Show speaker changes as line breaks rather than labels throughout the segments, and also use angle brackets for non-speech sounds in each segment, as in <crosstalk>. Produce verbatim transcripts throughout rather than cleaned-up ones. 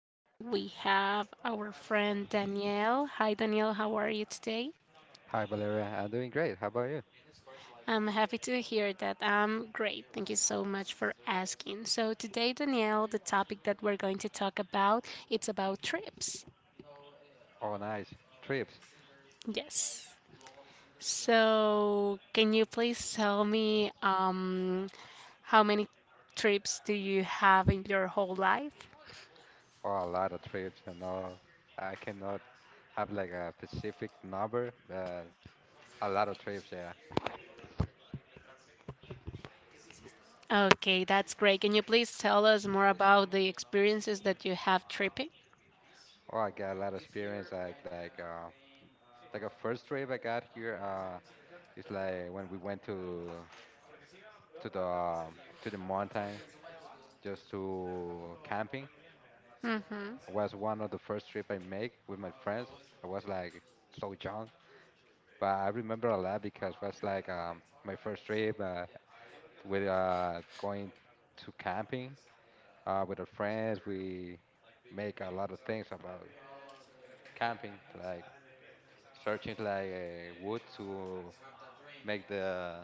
Today we have our friend Danielle. Hi, Danielle. How are you today?
Hi Valeria, I'm doing great. How about you?
I'm happy to hear that. I'm great. Thank you so much for asking. So today, Danielle, the topic that we're going to talk about, it's about trips.
Oh, nice trips.
Yes. So can you please tell me um, how many trips do you have in your whole life?
Oh, a lot of trips. I know I cannot have like a specific number, but a lot of trips. Yeah.
Okay, that's great. Can you please tell us more about the experiences that you have tripping?
Oh, I got a lot of experience. Like like uh, like a first trip I got here. Uh, it's like when we went to to the um, to the mountain just to camping. It
Mm-hmm.
was one of the first trip I make with my friends. I was like so young, but I remember a lot because it was like um my first trip. Uh, with uh, going to camping uh, with our friends. We make a lot of things about camping, like searching like uh, wood to make the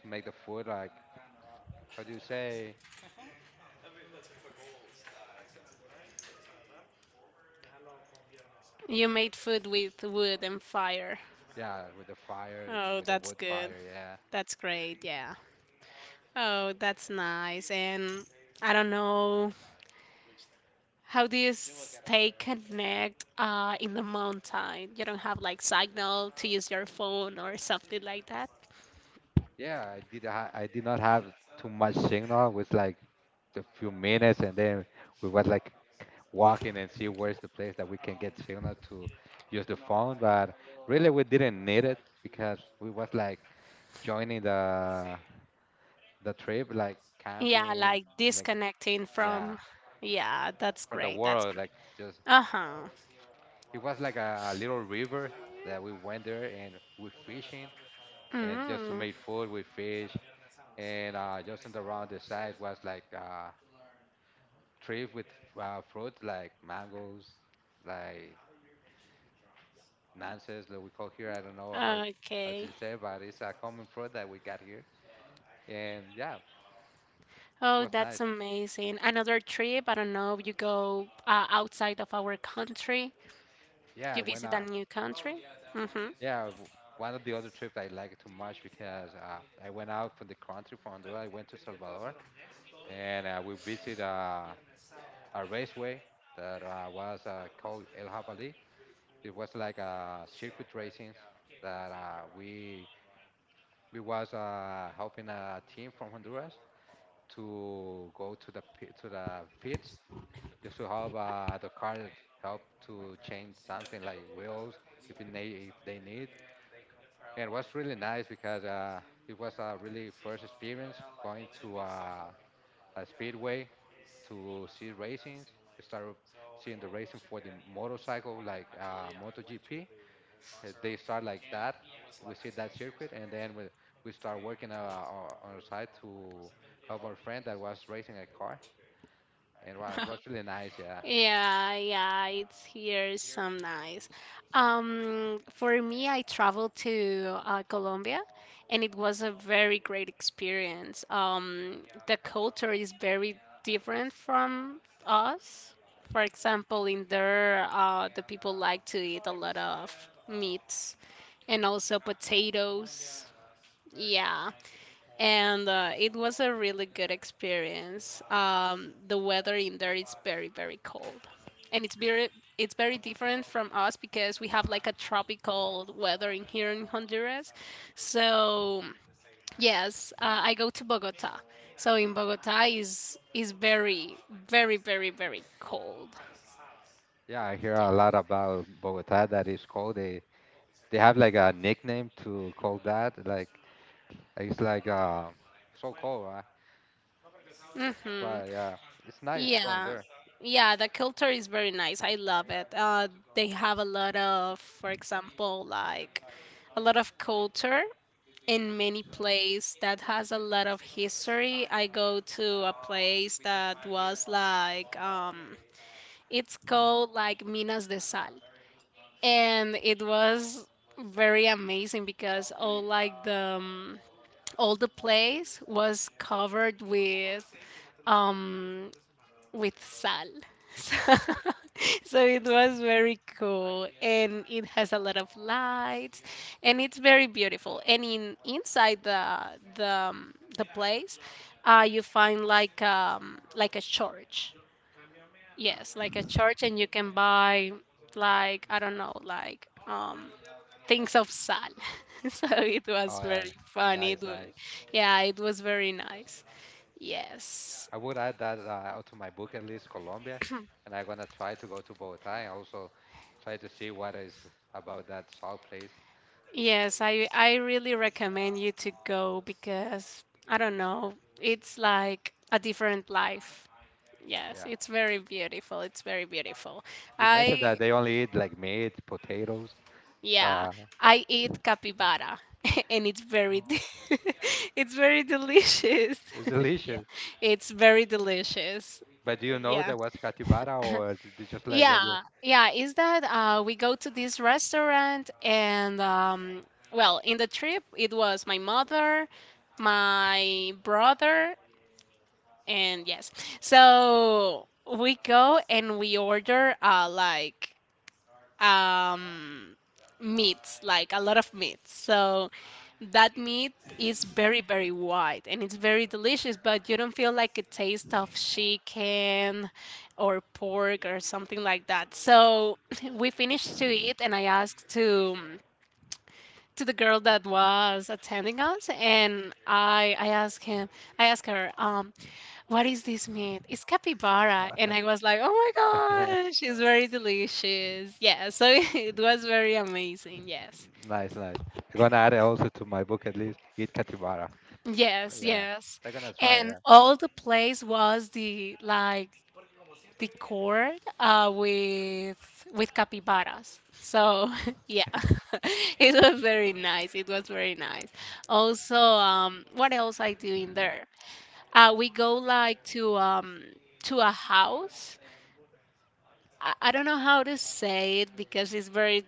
to make the food. Like, how do you say?
You made food with wood and fire.
Yeah, with the fire,
Oh,
with the
that's
wood
good.
fire. Yeah.
That's great. Yeah. Oh, that's nice. And I don't know, how do you stay connect uh, in the mountain? You don't have like signal to use your phone or something like that?
Yeah, I did. Ha- I did not have too much signal. It was like a few minutes, and then we was like walking and see where's the place that we can get signal to use the phone. But really, we didn't need it because we was like joining the the trip, like
Yeah,
camping.
like
Like,
disconnecting
yeah,
from. Yeah, that's
from the
great. That's
world. Like,
great.
it's just
Uh-huh.
it was like a, a little river that we went there and we fishing and just to
Mm.
make food. We fish and uh, just in the around the sides was like uh, trees with uh, fruits like mangoes, like nances that we call here. I don't know how how
Okay.
to say, but it's a common fruit that we got here. And yeah, it
Oh,
was
that's
nice.
amazing. Another trip, I don't know, you go uh, outside of our country,
Yeah,
you
when
visit a
I
new country. Hmm.
yeah w- One of the other trips I liked too much because uh, I went out from the country from Honduras. I went to Salvador and uh, we visited uh, a raceway that uh, was uh, called El Javali. It was like a circuit racing that uh, we we was uh, helping a team from Honduras to go to the pit, to the pits just to help uh, the car, help to change something like wheels if it need, if they need. And it was really nice because uh, it was a really first experience going to uh, a speedway to see racing. We started seeing the racing for the motorcycle like uh, MotoGP. Uh, they start like that. We see that circuit, and then we we start working uh, on our, our- on our side to help our friend that was racing a car, and wow, it
<laughs>
was really nice. Yeah.
Yeah, yeah, it's here some nice. Um, for me, I traveled to uh, Colombia, and it was a very great experience. Um, the culture is very different from us. For example, in there, uh, the people like to eat a lot of meat and also potatoes. Yeah, and uh, it was a really good experience. Um, the weather in there is very, very cold, and it's
It's,
very, it's very different from us because we have like a tropical weather in here in Honduras. So yes, uh, I go to Bogota. So in Bogota is is very, very, very, very cold.
yeah, I hear a lot about Bogota that is called, they they have like a nickname to call that like, it's like uh so cold, right?
Hmm.
But yeah, it's nice going
Yeah.
there.
Yeah, the culture is very nice. I love it. Uh, they have a lot of, for example, like a lot of culture in many place that has a lot of history. I go to a place that was like um, it's called like Minas de Sal, and it was very amazing because all like the um, all the place was covered with um with sal. <laughs> So, so it was very cool, and it has a lot of lights, and it's very beautiful. And in inside the the um, the place, uh, you find like um like a church. Yes, like a church, and you can buy like I don't know, like um things of sal. <laughs> So it was
Oh yeah,
very funny. It,
nice,
wa-
nice.
yeah, it was very nice. Yes.
I would add that uh, to my book at least, Colombia, and I'm gonna try to go to Bogota and also try to see what is about that south place.
Yes, I I really recommend you to go because I don't know, it's like a different life. Yes,
Yeah,
it's very beautiful. It's very beautiful.
you mentioned
I
that they only eat like meat, potatoes.
yeah,
Uh,
I eat capybara <laughs> and it's very de- <laughs> it's very delicious.
it's
<laughs> Yeah,
delicious.
it's very delicious.
But do you know
Yeah.
that was capybara, or did you just like when you?
Yeah, yeah, is that uh, we go to this restaurant, and um, well, in the trip it was my mother, my brother, and yes. So we go and we order uh, like um meats, like a lot of meats. So that meat is very very white, and it's very delicious, but you don't feel like a taste of chicken or pork or something like that. So <laughs> we finished to eat, and I asked to to the girl that was attending us. And i i asked him i asked her um what is this meat. It's capybara. And I was like, oh my gosh,
<laughs>
it's very delicious. Yeah. So <laughs> it was very amazing. Yes.
nice, nice. I'm gonna add it also to my book at least. Eat capybara.
Yes,
Yeah,
yes.
I'm gonna try.
And
Yeah,
all the place was the like the court uh with with capybaras. So <laughs> yeah. <laughs> It was very nice. It was very nice. Also, um what else I do in there? Uh we go like to um to a house. I, I don't know how to say it because it's very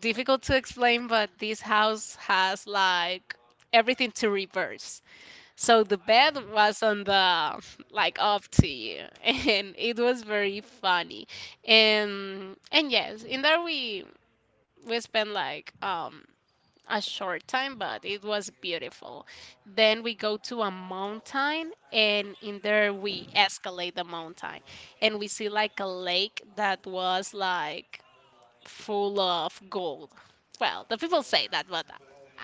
difficult to explain, but this house has like everything to reverse. So the bed was on the <laughs> like up to you, <laughs> and it was very funny. And and yes, in there we we spent like um a short time, but it was beautiful. Then we go to a mountain, and in there we escalate the mountain, and we see like a lake that was like full of gold. Well, the people say that, but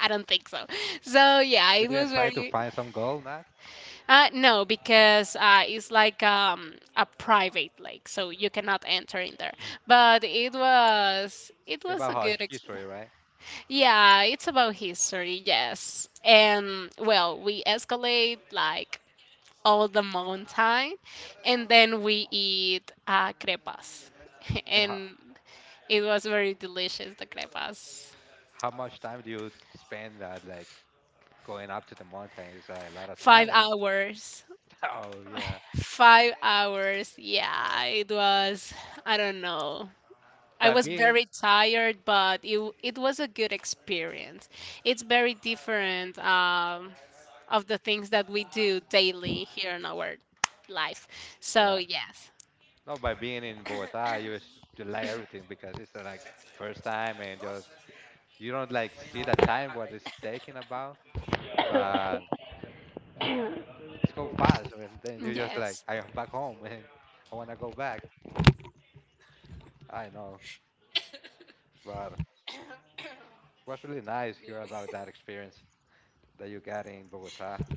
I don't think so. <laughs> So yeah,
you
it
didn't
was
try to
very
find some gold, not
uh, no, because uh, it's like um, a private lake, so you cannot enter in there. But it was it was
about
a
how
good experience.
history, right?
Yeah, it's about history, yes. And well, we escalate like all the mountain, and then we eat uh, crepas, <laughs>
And how
and it was very delicious. The crepas,
how much time do you spend uh, like going up to the mountain is a lot of
five
time, huh? <laughs>
hours.
Oh yeah,
Five hours, yeah, it was, I don't know, I
by
was
being.
very tired, but it w- it was a good experience. It's very different um, of the things that we do daily here in our life. So
Yeah,
yes,
no, by being in Bogota, you s- delay everything because it's uh, like first time and just you don't like see the time what it's taking about, but it's go fast and then you just like,
yes,
I am back home and I wanna go back. I know, but was really nice hear about that experience that you got in Bogota. <laughs>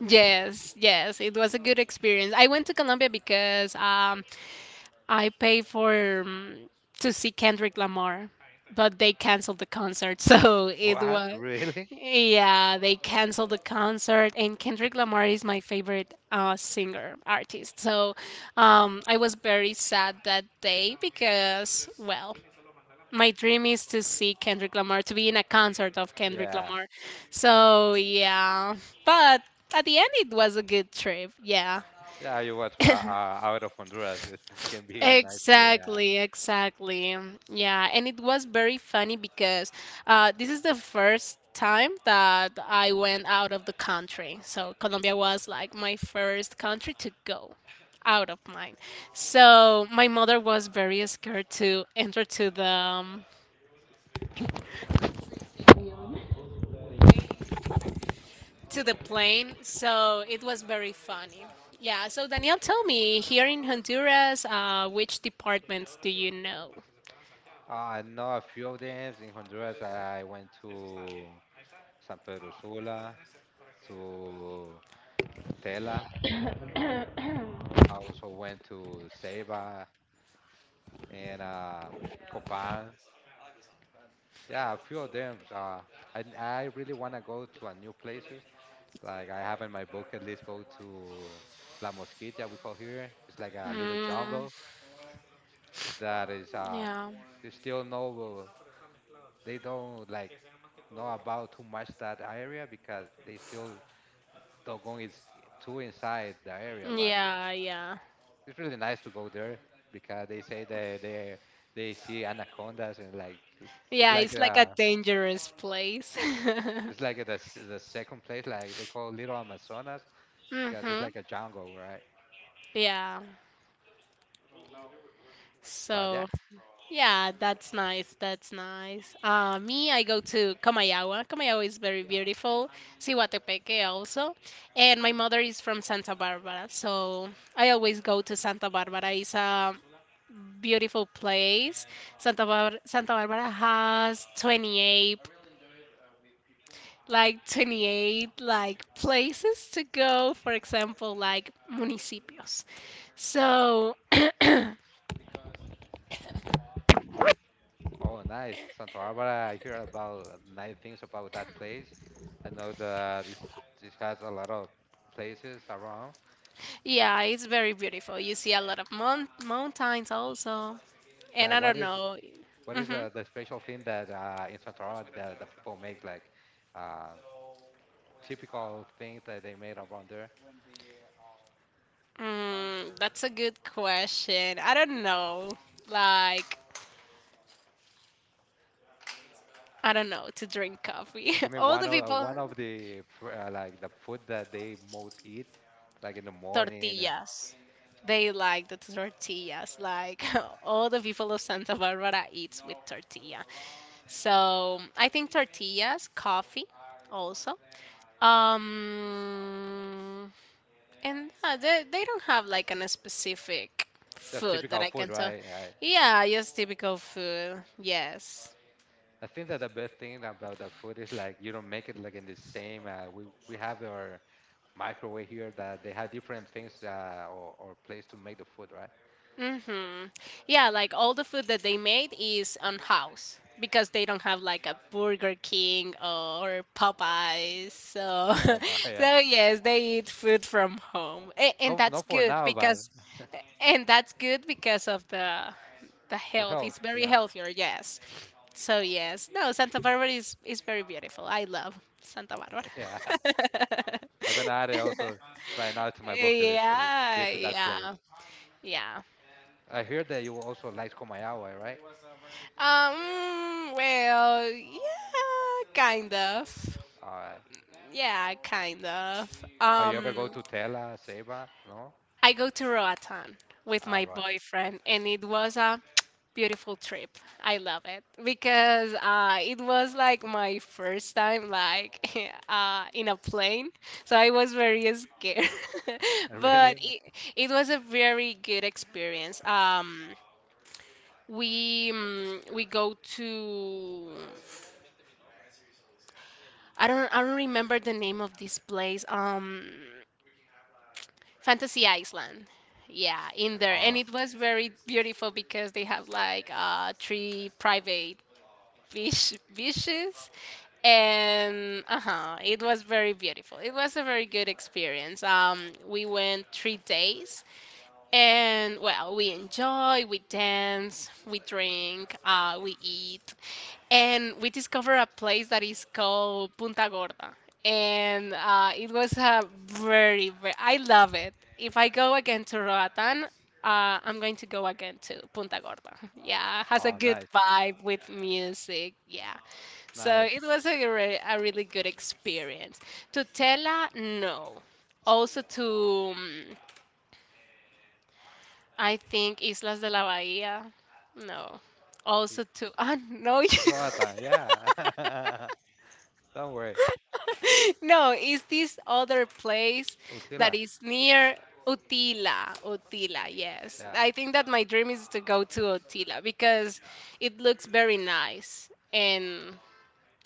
yes, yes. It was a good experience. I went to Colombia because um, I pay for um, to see Kendrick Lamar, but they canceled the concert. <laughs> So it
What,
was,
really?
yeah, they canceled the concert. And Kendrick Lamar is my favorite uh, singer artist. So um, I was very sad that day because, well, my dream is to see Kendrick Lamar, to be in a concert of Kendrick
Yeah.
Lamar. So yeah, but at the end, it was a good trip. Yeah.
Yeah, you was uh, uh, out of Honduras. It, this can be a nice trip.
Exactly, exactly. Um, Yeah, and it was very funny because uh, this is the first time that I went out of the country. So Colombia was like my first country to go out of mine. So my mother was very scared to enter to the um, to the plane. So it was very funny. Yeah. So Daniel, tell me, here in Honduras, uh, which departments do you know?
I know a few of them in Honduras. I went to San Pedro Sula, to Tela. I also went to Ceiba and uh, Copan. Yeah, a few of them. Uh, I, I really want to go to a new places. Like I have in my bucket list, go to La Mosquita, we call here. It's like a little
Mm,
jungle that is uh,
yeah.
they still no, they don't like know about too much that area because they still doggone is too inside the area, but
Yeah, yeah.
it's really nice to go there because they say that they they see anacondas and like it's
Yeah,
like
it's like a
uh
dangerous place. <laughs>
it's like the s- the second place like they call Little Amazonas because it's
Mhm.
like a jungle, right?
Yeah.
But yeah,
So, yeah, that's nice. That's nice. Uh, me, I go to Comayagua. Comayagua is very beautiful. Sihuatepeque also. And my mother is from Santa Barbara, so I always go to Santa Barbara. It's a beautiful place. Santa Bar- Santa Barbara has twenty-eight, like twenty-eight, like places to go, for example, like municipios. So <clears throat>
oh nice, Santa Barbara. I hear about nice things about that place. I know that it's, it has a lot of places around.
yeah, it's very beautiful. You see a lot of moun- mountains also. And
But
I
what
don't
is
know.
what is
hmm
the, the special thing that uh, in Santa Barbara that the people make like? Uh, typical things that they made around there.
mm, that's a good question. I don't know, like, I don't know, to drink coffee.
Give
<laughs>
me
All
one
the
of uh,
people.
one of the fr- uh, like the food that they most eat, like in the morning. Uh,
Tortillas. They like the tortillas, like, <laughs> all the people of Santa Barbara eats with tortilla. So I think tortillas, coffee also. Um, and uh, they, they don't have like an specific
just
food that
typical
I
food,
can tell.
right? I,
Yeah, just typical food. Yes.
I think that the best thing about the food is like you don't make it like in the same. Uh, we we have our microwave here that they have different things uh, or or place to make the food, right?
Mhm. Yeah, like all the food that they made is on house because they don't have like a Burger King or Popeyes. So,
And uh, <laughs>
<laughs>
yeah,
so yes, they eat food from home, and, and
no,
that's
not for
good
now, but
because, and that's good because of the the
for
health.
health.
It's very
Yeah,
healthier. Yes. So yes, no, Santa Barbara is is very beautiful. I love Santa
<laughs>
Barbara.
yeah. I'm gonna add it also
<laughs>
right now to my bucket list to
Yeah,
visit that place.
yeah, yeah.
I hear that you also like Komayawa, right?
Um, well, yeah, kind of.
Uh,
Yeah, kind of.
have you ever
Um,
go to Tela, Ceiba? No?
I go to Roatan with
Ah,
my
right. <laughs>
boyfriend, and it was a beautiful trip. I love it because uh, it was like my first time, like <laughs> uh, in a plane, so I was very scared. <laughs> But
Really?
it, it was a very good experience. Um, we mm, we go to I don't I don't remember the name of this place. Um, Fantasy Island. Yeah, in there, and
Oh,
it was very beautiful because they have like uh three private beach beaches, and uh huh, it was very beautiful. It was a very good experience. Um, we went three days, and well, we enjoy, we dance, we drink, uh, we eat, and we discovered a place that is called Punta Gorda. And uh, it was a very, very I love it. If I go again to Roatan, uh, I'm going to go again to Punta Gorda. <laughs> Yeah, has a
oh,
good
nice.
vibe with music. Yeah, so
Nice.
it was a, re- a really good experience. To Tela, no. Also to mm, I think Islas de la Bahía, no.
He-
Also to ah no.
He's from Latin,
<laughs>
yeah. <laughs> Don't worry.
No, it's this other place that
Utila.
is near Utila. Utila, yes.
Yeah.
I think that my dream is to go to Utila because it looks very nice and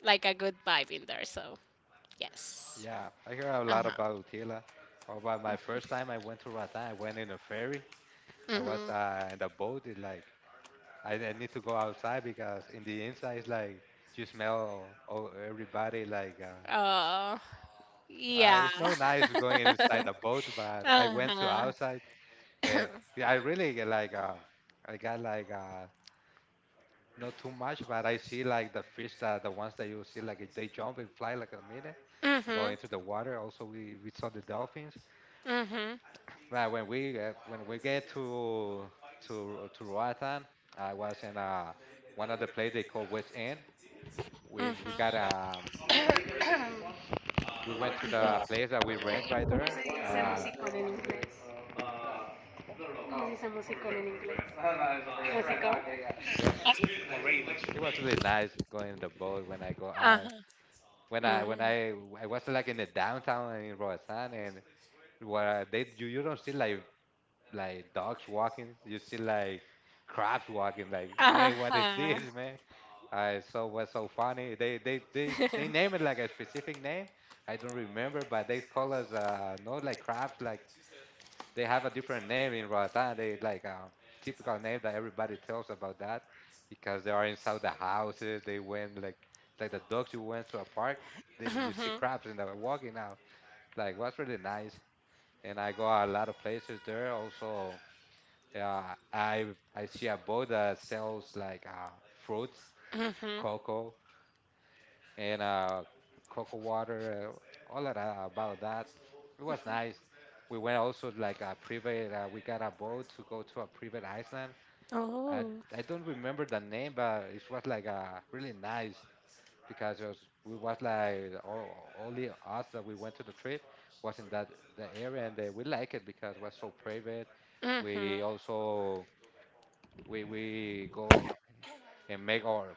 like a good vibe in there. So, yes.
Yeah. I hear a lot
Uh-huh.
about Utila. Or about my first time I went to Ratan, I went in a ferry. I was
Mm-hmm.
uh, in the boat. It, like, I, I need to go outside because in the inside, it's like you smell oh, everybody like uh.
Uh huh. Hmm. Oh,
Uh,
yeah.
it's no nice going inside the
<laughs>
boat, but I went to
Uh
outside. Uh,
huh. <coughs>
yeah, I really get like um, I got like uh, not too much, but I see like the fish, that the ones that you see like if they jump and fly like a minute and go
Mhm.
into the water. Also, we, we saw the dolphins.
Mhm.
But when we uh, when we get to to to Roatan, I was in uh one of the place they call West End. We we got
Mhm.
um,
<coughs>
we went to the place that we rent right
¿Cómo
there.
se dice
Uh,
musical en inglés? ¿Cómo se dice musical en inglés? Músico.
yep.
Moreno.
It was really nice going in the boat when I go
Ajá.
out. When I when
Mm.
I I was like in the downtown in Roatan and where they, you, you don't see like like dogs walking, you see like crabs walking. Like, hey, what is
Ajá.
this, man? I, so was so funny. They they they they name it
<laughs>
like a specific name. I don't remember, but they call us uh, no, like crabs, like they have a different name in Roatán. They like a typical name that everybody tells about that because they are inside the houses. They went like like the dogs, you went to a park. They, you see
Mhm,
crabs in the walking out. Like, was really nice. And I go a lot of places there. Also, uh, I I see a boat that sells like uh, fruits,
mhm.
cocoa and uh, cocoa water, uh, all that uh, about that. It was nice. We went also like a private. Uh, we got a boat to go to a private island. I
Oh.
I don't remember the name, but it was like uh, really nice because it was, we was like all, only us that we went to the trip was in that the area, and uh, we like it because it was so private.
Mhm.
We also we we go and make our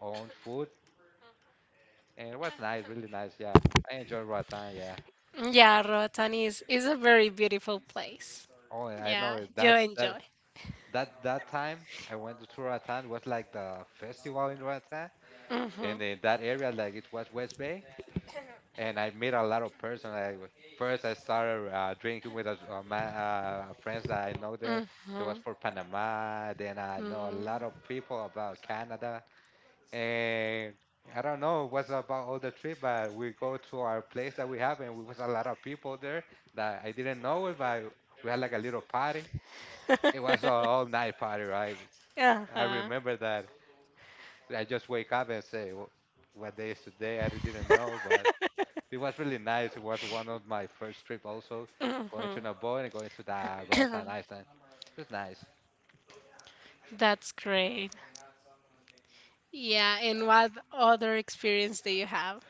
own food, and it was nice, really nice. Yeah, I enjoyed our time. Yeah.
Yeah, Roatan is is a very beautiful place.
Oh yeah, I
Yeah,
know it.
you
that that
enjoy.
that that time I went to Roatan was like the festival in Roatan,
Mhm,
and in that area, like it was West Bay, and I met a lot of person. I w- first I started uh, drinking with a, a ma- uh, friends that I know there. There was
mhm,
for Panama. Then I know a lot of
mm.
people about Canada, and I don't know what's about all the trip, but we go to our place that we have, and we was a lot of people there that I didn't know it, but we had like a little party, it was an
<laughs>
all night party, right? I
Uh-huh.
remember that. I just wake up and say, "Wh- What day is today?" I didn't know, but it was really nice. It was one of my first trip, also going to Nabo and going to the Roatan
Mhm.
Island. It was nice.
<coughs> That's great. Yeah, and what other experience do you have?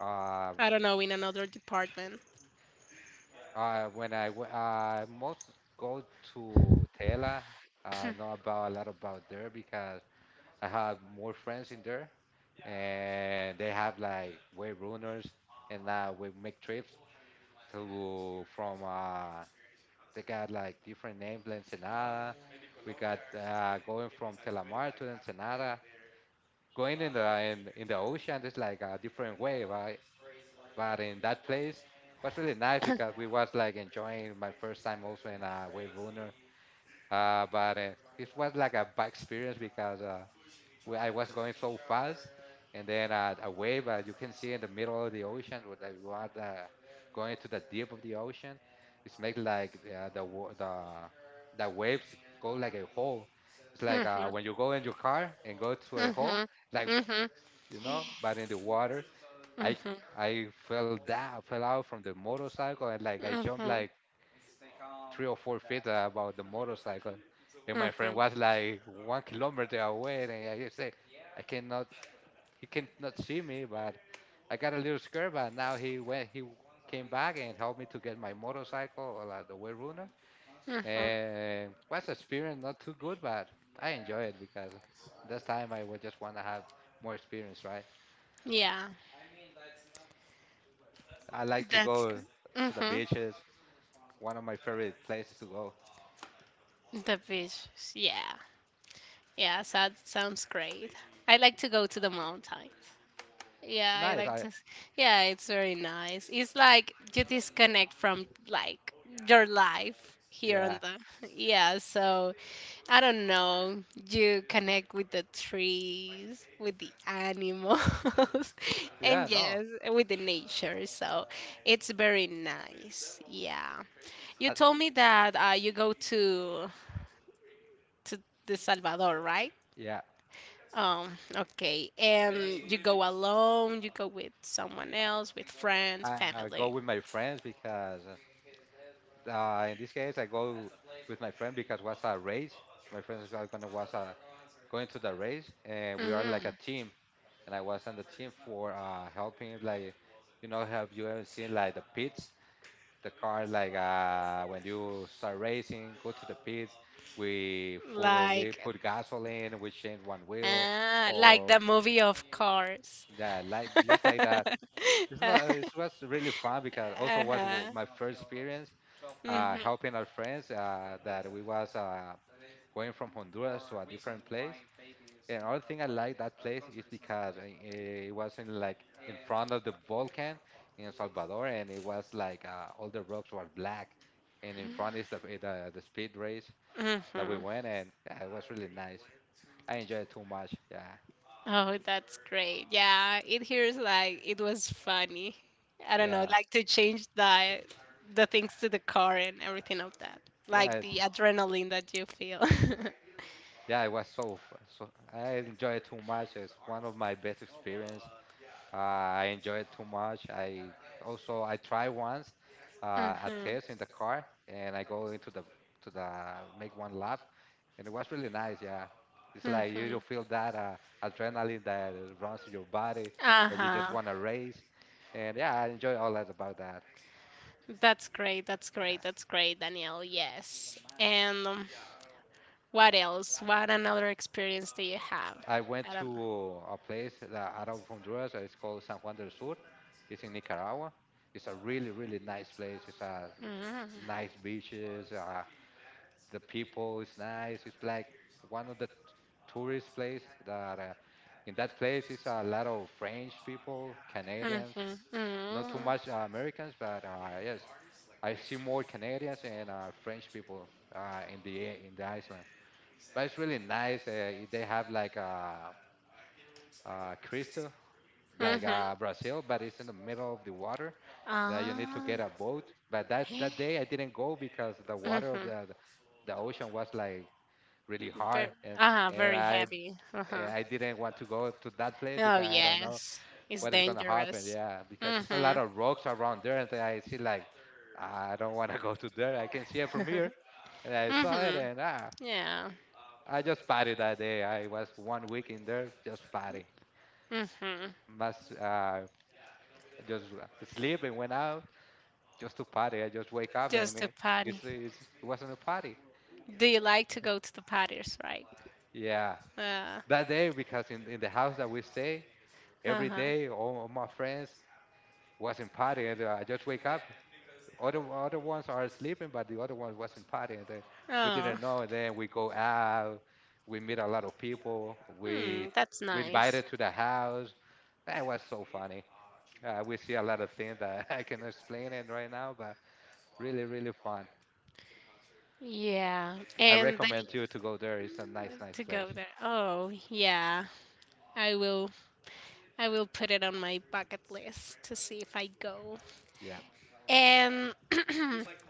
Uh,
<coughs> I don't know, in another department.
uh, when I w- I most go to Tela. I know about a lot about there because I have more friends in there, and they have like way runners, and uh, we make trips to from uh, they got like different names, La Ensenada. We got uh, going from Telamar to the Ensenada. Going in the in, in the ocean is like a different way, right? But in that place was really nice because we
<coughs>
was like enjoying my first time also in a wave runner. Uh, but uh, it was like a bad experience because uh, where I was going so fast, and then uh, a wave uh, you can see in the middle of the ocean, where that you are the, going to the deep of the ocean, it's make like uh, the wa- the the waves go like a hole. It's like uh,
Mhm.
when you go in your car and go to a hole,
Mhm.
like
Mhm.
you know, but in the water. I
Mhm.
I fell down, fell out from the motorcycle, and like I jumped
Mhm.
like three or four feet uh, about the motorcycle, and my friend
Mhm.
was like one kilometer away, and I just say. I cannot he can not see me, but I got a little scared. But now he went, he w- came back and helped me to get my motorcycle, uh, like, the way runner.
Mhm.
And was experience not too good, but I enjoy it because this time I would just want to have more experience, right?
Yeah.
I like to
That's
go
good.
to the
Mhm.
beaches. One of my favorite places to go.
The beaches. Yeah. Yeah, so that sounds great. I like to go to the mountains. Yeah,
It's
I
nice.
like
I
to. Yeah, it's very nice. It's like you disconnect from like your life here on
yeah,
the. <laughs> Yeah, so I don't know. You connect with the trees, with the animals, <laughs> and
yeah, no,
yes, with the nature. So it's very nice. Yeah. You
I,
told me that uh, you go to to the Salvador, right?
yeah
Um, okay. And you go alone, you go with someone else, with friends,
I, I go
family.
with my friends because Uh, in this case, I go with my friend because was a race. My friends are gonna was uh, going to the race, and we are like a
Hmm.
team. And I was on the team for uh, helping, like you know, have you ever seen like the pits, the car, like uh, when you start racing, go to the pits. We full, we
Like
put gasoline, we change one wheel,
ah, like the
or
movie of Cars.
that, like just like that. It's not. It
<laughs>
was really fun because also was w-
Uh-huh.
my first experience uh,
Mhm.
helping our friends uh, that we was uh, going from Honduras to a different place. And another thing I like that place is because uh, it was in like in front of the volcano in El Salvador, and it was like uh, all the rocks were black, and in front is the eh, the, the speed race that we
Mhm.
went, and yeah, it was really nice. I enjoyed it too much. Yeah,
Oh, that's great. Yeah, it hears like it was funny. I don't know,
yeah,
like to change the the things to the car and everything of that.
yeah.
Like the
It's,
adrenaline that you feel. <laughs>
yeah, it was so, f- so I enjoyed it too much. It's one of my best experience. Uh, I enjoy it too much. I also I try once uh, a
Mhm.
test in the car, and I go into the to the make one lap, and it was really nice. Yeah, it's like you
Mhm.
don't feel that uh, adrenaline that runs through your body that you just
Uh-huh.
want to race, and yeah, I enjoy all that about that.
That's great. That's great.
Yeah,
That's great, Danielle. Yes. And um, what else? What another experience do you have?
I went
I don't know.
to a place that out of Honduras. uh, It's called San Juan del Sur. It's in Nicaragua. It's a really really nice place. It's a nice beaches. Uh, the people is nice. It's like one of the tourist place that uh, in that place is a lot of French people,
Mhm.
Canadians,
Mhm.
not too
Mhm.
much uh, Americans, but uh, yes, I see more Canadians and uh, French people uh, in the in the Iceland. But it's really nice. Uh, they have like a, a crystal, like
Mhm.
uh, Brazil, but it's in the middle of the water that you need to
Ah.
get a boat. But that that day I didn't go because the water of
Mm-hmm.
the the ocean was like really
Very,
hard, and
uh
and
very
I
heavy.
and
Uh-huh.
I didn't want to go to that place
Oh
because I don't know
yes, it's
what is gonna happen.
dangerous.
Yeah, because there's a lot
Mm-hmm.
of rocks around there, and I see like I don't want to <laughs> go to there. I can see it from here,
<laughs>
and I saw it,
Mm-hmm.
and ah,
Yeah.
I just partied that day. I was one week in there just party.
Mm-hmm.
Must uh, just sleep and went out just to party. I just wake up and
Just a
it,
party.
it's, it's, it wasn't a party.
Do you like to go to the parties, right?
Yeah,
Uh,
that day because in in the house that we stay every
uh-huh.
day, all of my friends wasn't partying. uh, I just wake up. Other other ones are sleeping, but the other ones wasn't partying. They, we
Oh,
didn't know. And then we go out. We meet a lot of people. We
hmm, that's
we
nice.
invited to the house. That was so funny. Uh, we see a lot of things that <laughs> I can explain it right now, but really really fun.
Yeah.
I
And then
recommend you to go there. It's a
y-
nice nice
to go
place.
there. Oh, yeah. I will I will put it on my bucket list to see if I go.
Yeah,
And <clears throat> I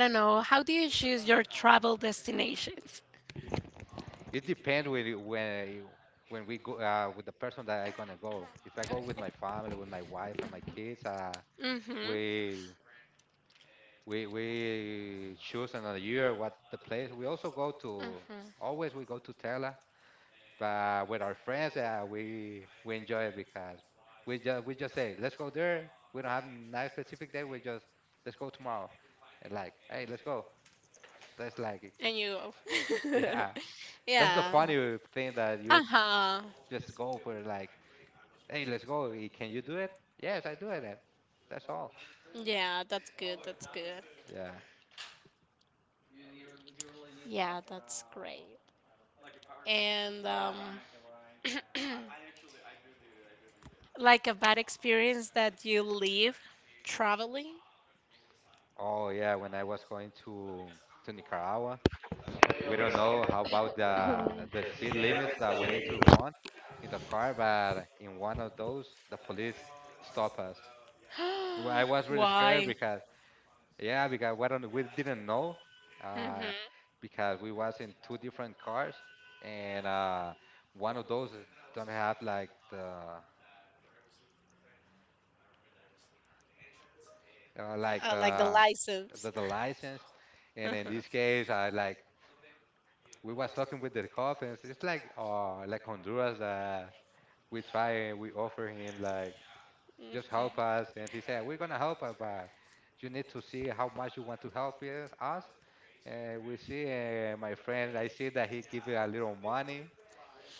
don't know. How do you choose your travel destinations?
it depends when you- when you- when we go uh, with the person that I gonna go. If I go with my family, with my wife and my kids, uh,
Mhm.
we we we choose another year what the place we also go to,
Mhm.
always we go to Tela, but with our friends uh, we we enjoy it because we just we just say let's go there, we don't have nice specific day, we just let's go tomorrow, and like, hey, let's go. That's like
And you.
<laughs> yeah,
<laughs>
that's the
Yeah.
funny thing that you
Uh huh.
just go for like hey, let's go. Eh, can you do it? Yes, I do it, and that's all.
Yeah, that's good. That's good.
Yeah,
Yeah, that's great. And um, <clears throat> like a bad experience that you leave traveling.
oh yeah, when I was going to to Nicaragua we don't know how about the
<laughs>
the speed limits that we need to run
<gasps>
in the car, but in one of those, the police stop us. Well, I was really scared
Why?
because yeah, because we don't we didn't know, uh,
Mhm.
because we was in two different cars, and uh, one of those don't have like the uh, like
Uh, like the
the,
license.
the the license,
<laughs>
and
Mhm.
in this case, I like we was talking with the cops, and it's it's like uh like Honduras, we try and we offer him like just help us, and he said we're gonna help us but you need to see how much you want to help us us." And we see uh, my friend, I see that he give it a little money,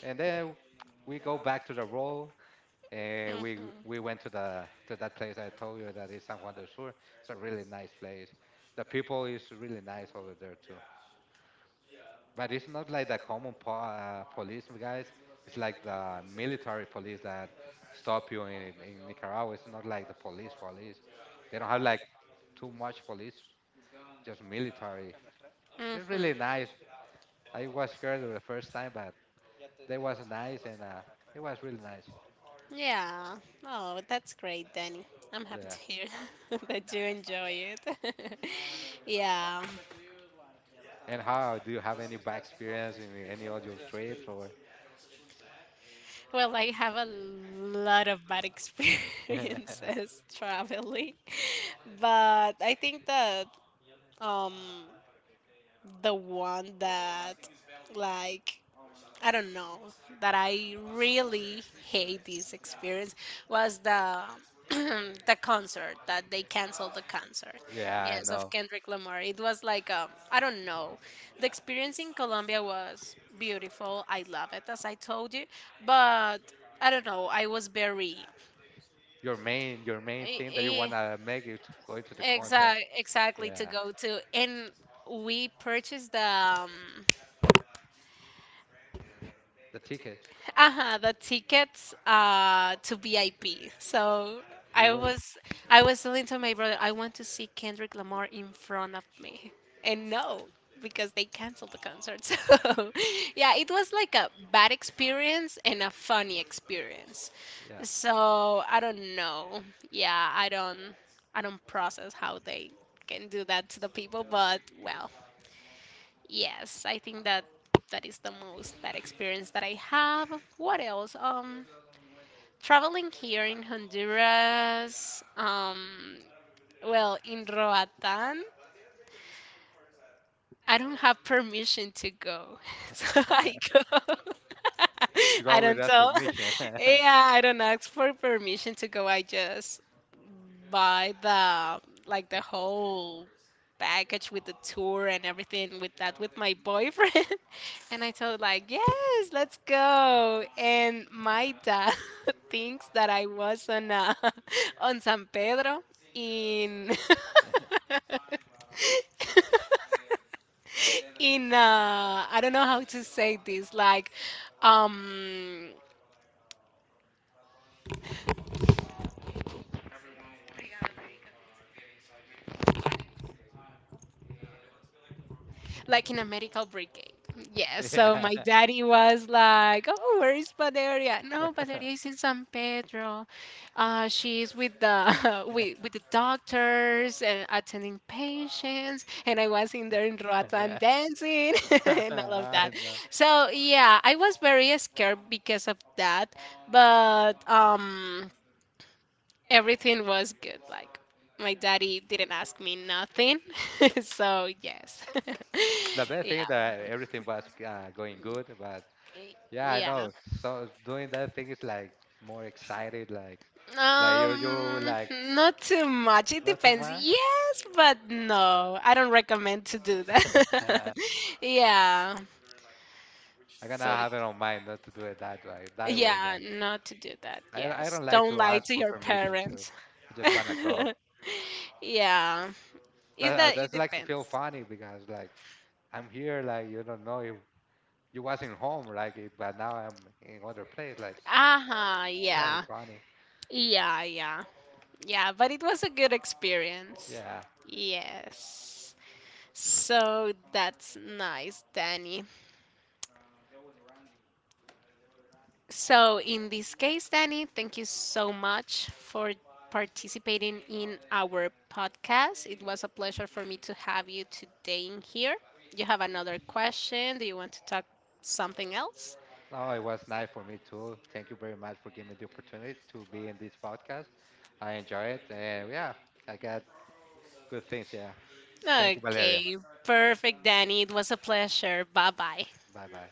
and then we go back to the road, and we
Mhm.
we went to the to that place I told you that is San Juan del Sur. It's a really nice place. The people is really nice over there too, but it's not like the common po- uh, police guys. It's like the military police that stop you in, in Nicaragua. It's not like the police police. They don't have like too much police, just military. They're
Mhm.
really nice. I was scared the first time, but they was nice and uh, it was really nice.
Yeah. Oh, that's great, Danny. I'm happy
Yeah.
to hear <laughs> that you enjoy it. <laughs> Yeah.
And how do you have any bad experience in any of your trips or?
Well, I have a lot of bad
<laughs>
experiences <laughs> traveling, <laughs> but I think that um the one that like I don't know that I really hate this experience was the <clears throat> the concert that they canceled the concert.
Yeah, I
Yes, of
know.
Kendrick Lamar. It was like um I don't know. The experience in Colombia was beautiful. I love it as I told you, but I don't know. I was very
Your main your main thing that you
I,
wanna make is to go to the concert.
exact exactly to
Yeah,
go to and we purchased the um,
the ticket.
uh-huh the tickets uh to V I P. So
He
I
was,
was I was telling to my brother I want to see Kendrick Lamar in front of me. And no, because they canceled the concert. <laughs> So yeah, it was like a bad experience and a funny experience.
yeah.
So I don't know. Yeah, I don't I don't process how they can do that to the people, but well, yes, I think that that is the most bad experience that I have. What else? Um, traveling here in Honduras. Um, well, in Roatán, I don't have permission to go, <laughs> so I
<laughs>
go.
You
<laughs> I
go with
don't
us
tell.
permission. <laughs>
<laughs>
Mission.
Yeah, I don't ask for permission to go. I just buy the like the whole package with the tour and everything with that with my boyfriend, <laughs> and I told like, yes, let's go. And my dad <laughs> thinks that I was on uh, <laughs> on San Pedro in. <laughs> <laughs> in uh I don't know how to say this like um like in a medical brigade. Yeah, so
Yeah.
my daddy was like, "Oh, where is Valeria?" No, Valeria
<laughs>
is in San Pedro. Uh, she's with the <laughs> with, with the doctors and attending patients, and I was in there in Roatan dancing <laughs> and all of
I
that.
know.
So yeah, I was very scared because of that, but um. everything was good. Like my daddy didn't ask me nothing, <laughs> so yes,
The
<laughs>
best thing
yeah,
that everything was uh, going good, but yeah, I
yeah.
know. So doing that thing is like more excited, like like you, you
Um,
like
Not too much. It
not too
depends.
much.
Yes, but no. I don't recommend to do that.
Uh,
<laughs> Yeah.
I'm gonna
So
have it on mind not to do it that way, that way.
yeah,
But
not to do that.
I I
Yes,
don't like
don't
to
lie
ask
to
for
your
permission to.
parents.
I just wanna go.
<laughs> Yeah, is
That uh,
that it
that's like to feel
depends.
funny because like I'm here, like you don't know if you wasn't home, like, eh, but now I'm in other place. Like,
Uh huh.
it's like
Yeah.
funny.
Yeah. Yeah. Yeah, but it was a good experience.
Yeah.
Yes. So that's nice, Danny. So in this case, Danny, thank you so much for participating in our podcast. It was a pleasure for me to have you today in here. You have another question? Do you want to talk something else?
No, it was nice for me too. Thank you very much for giving me the opportunity to be in this podcast. I enjoy it, and yeah, I got good things. Yeah. Thank you, Valeria.
Okay, perfect, Danny. It was a pleasure. Bye bye.
Bye bye.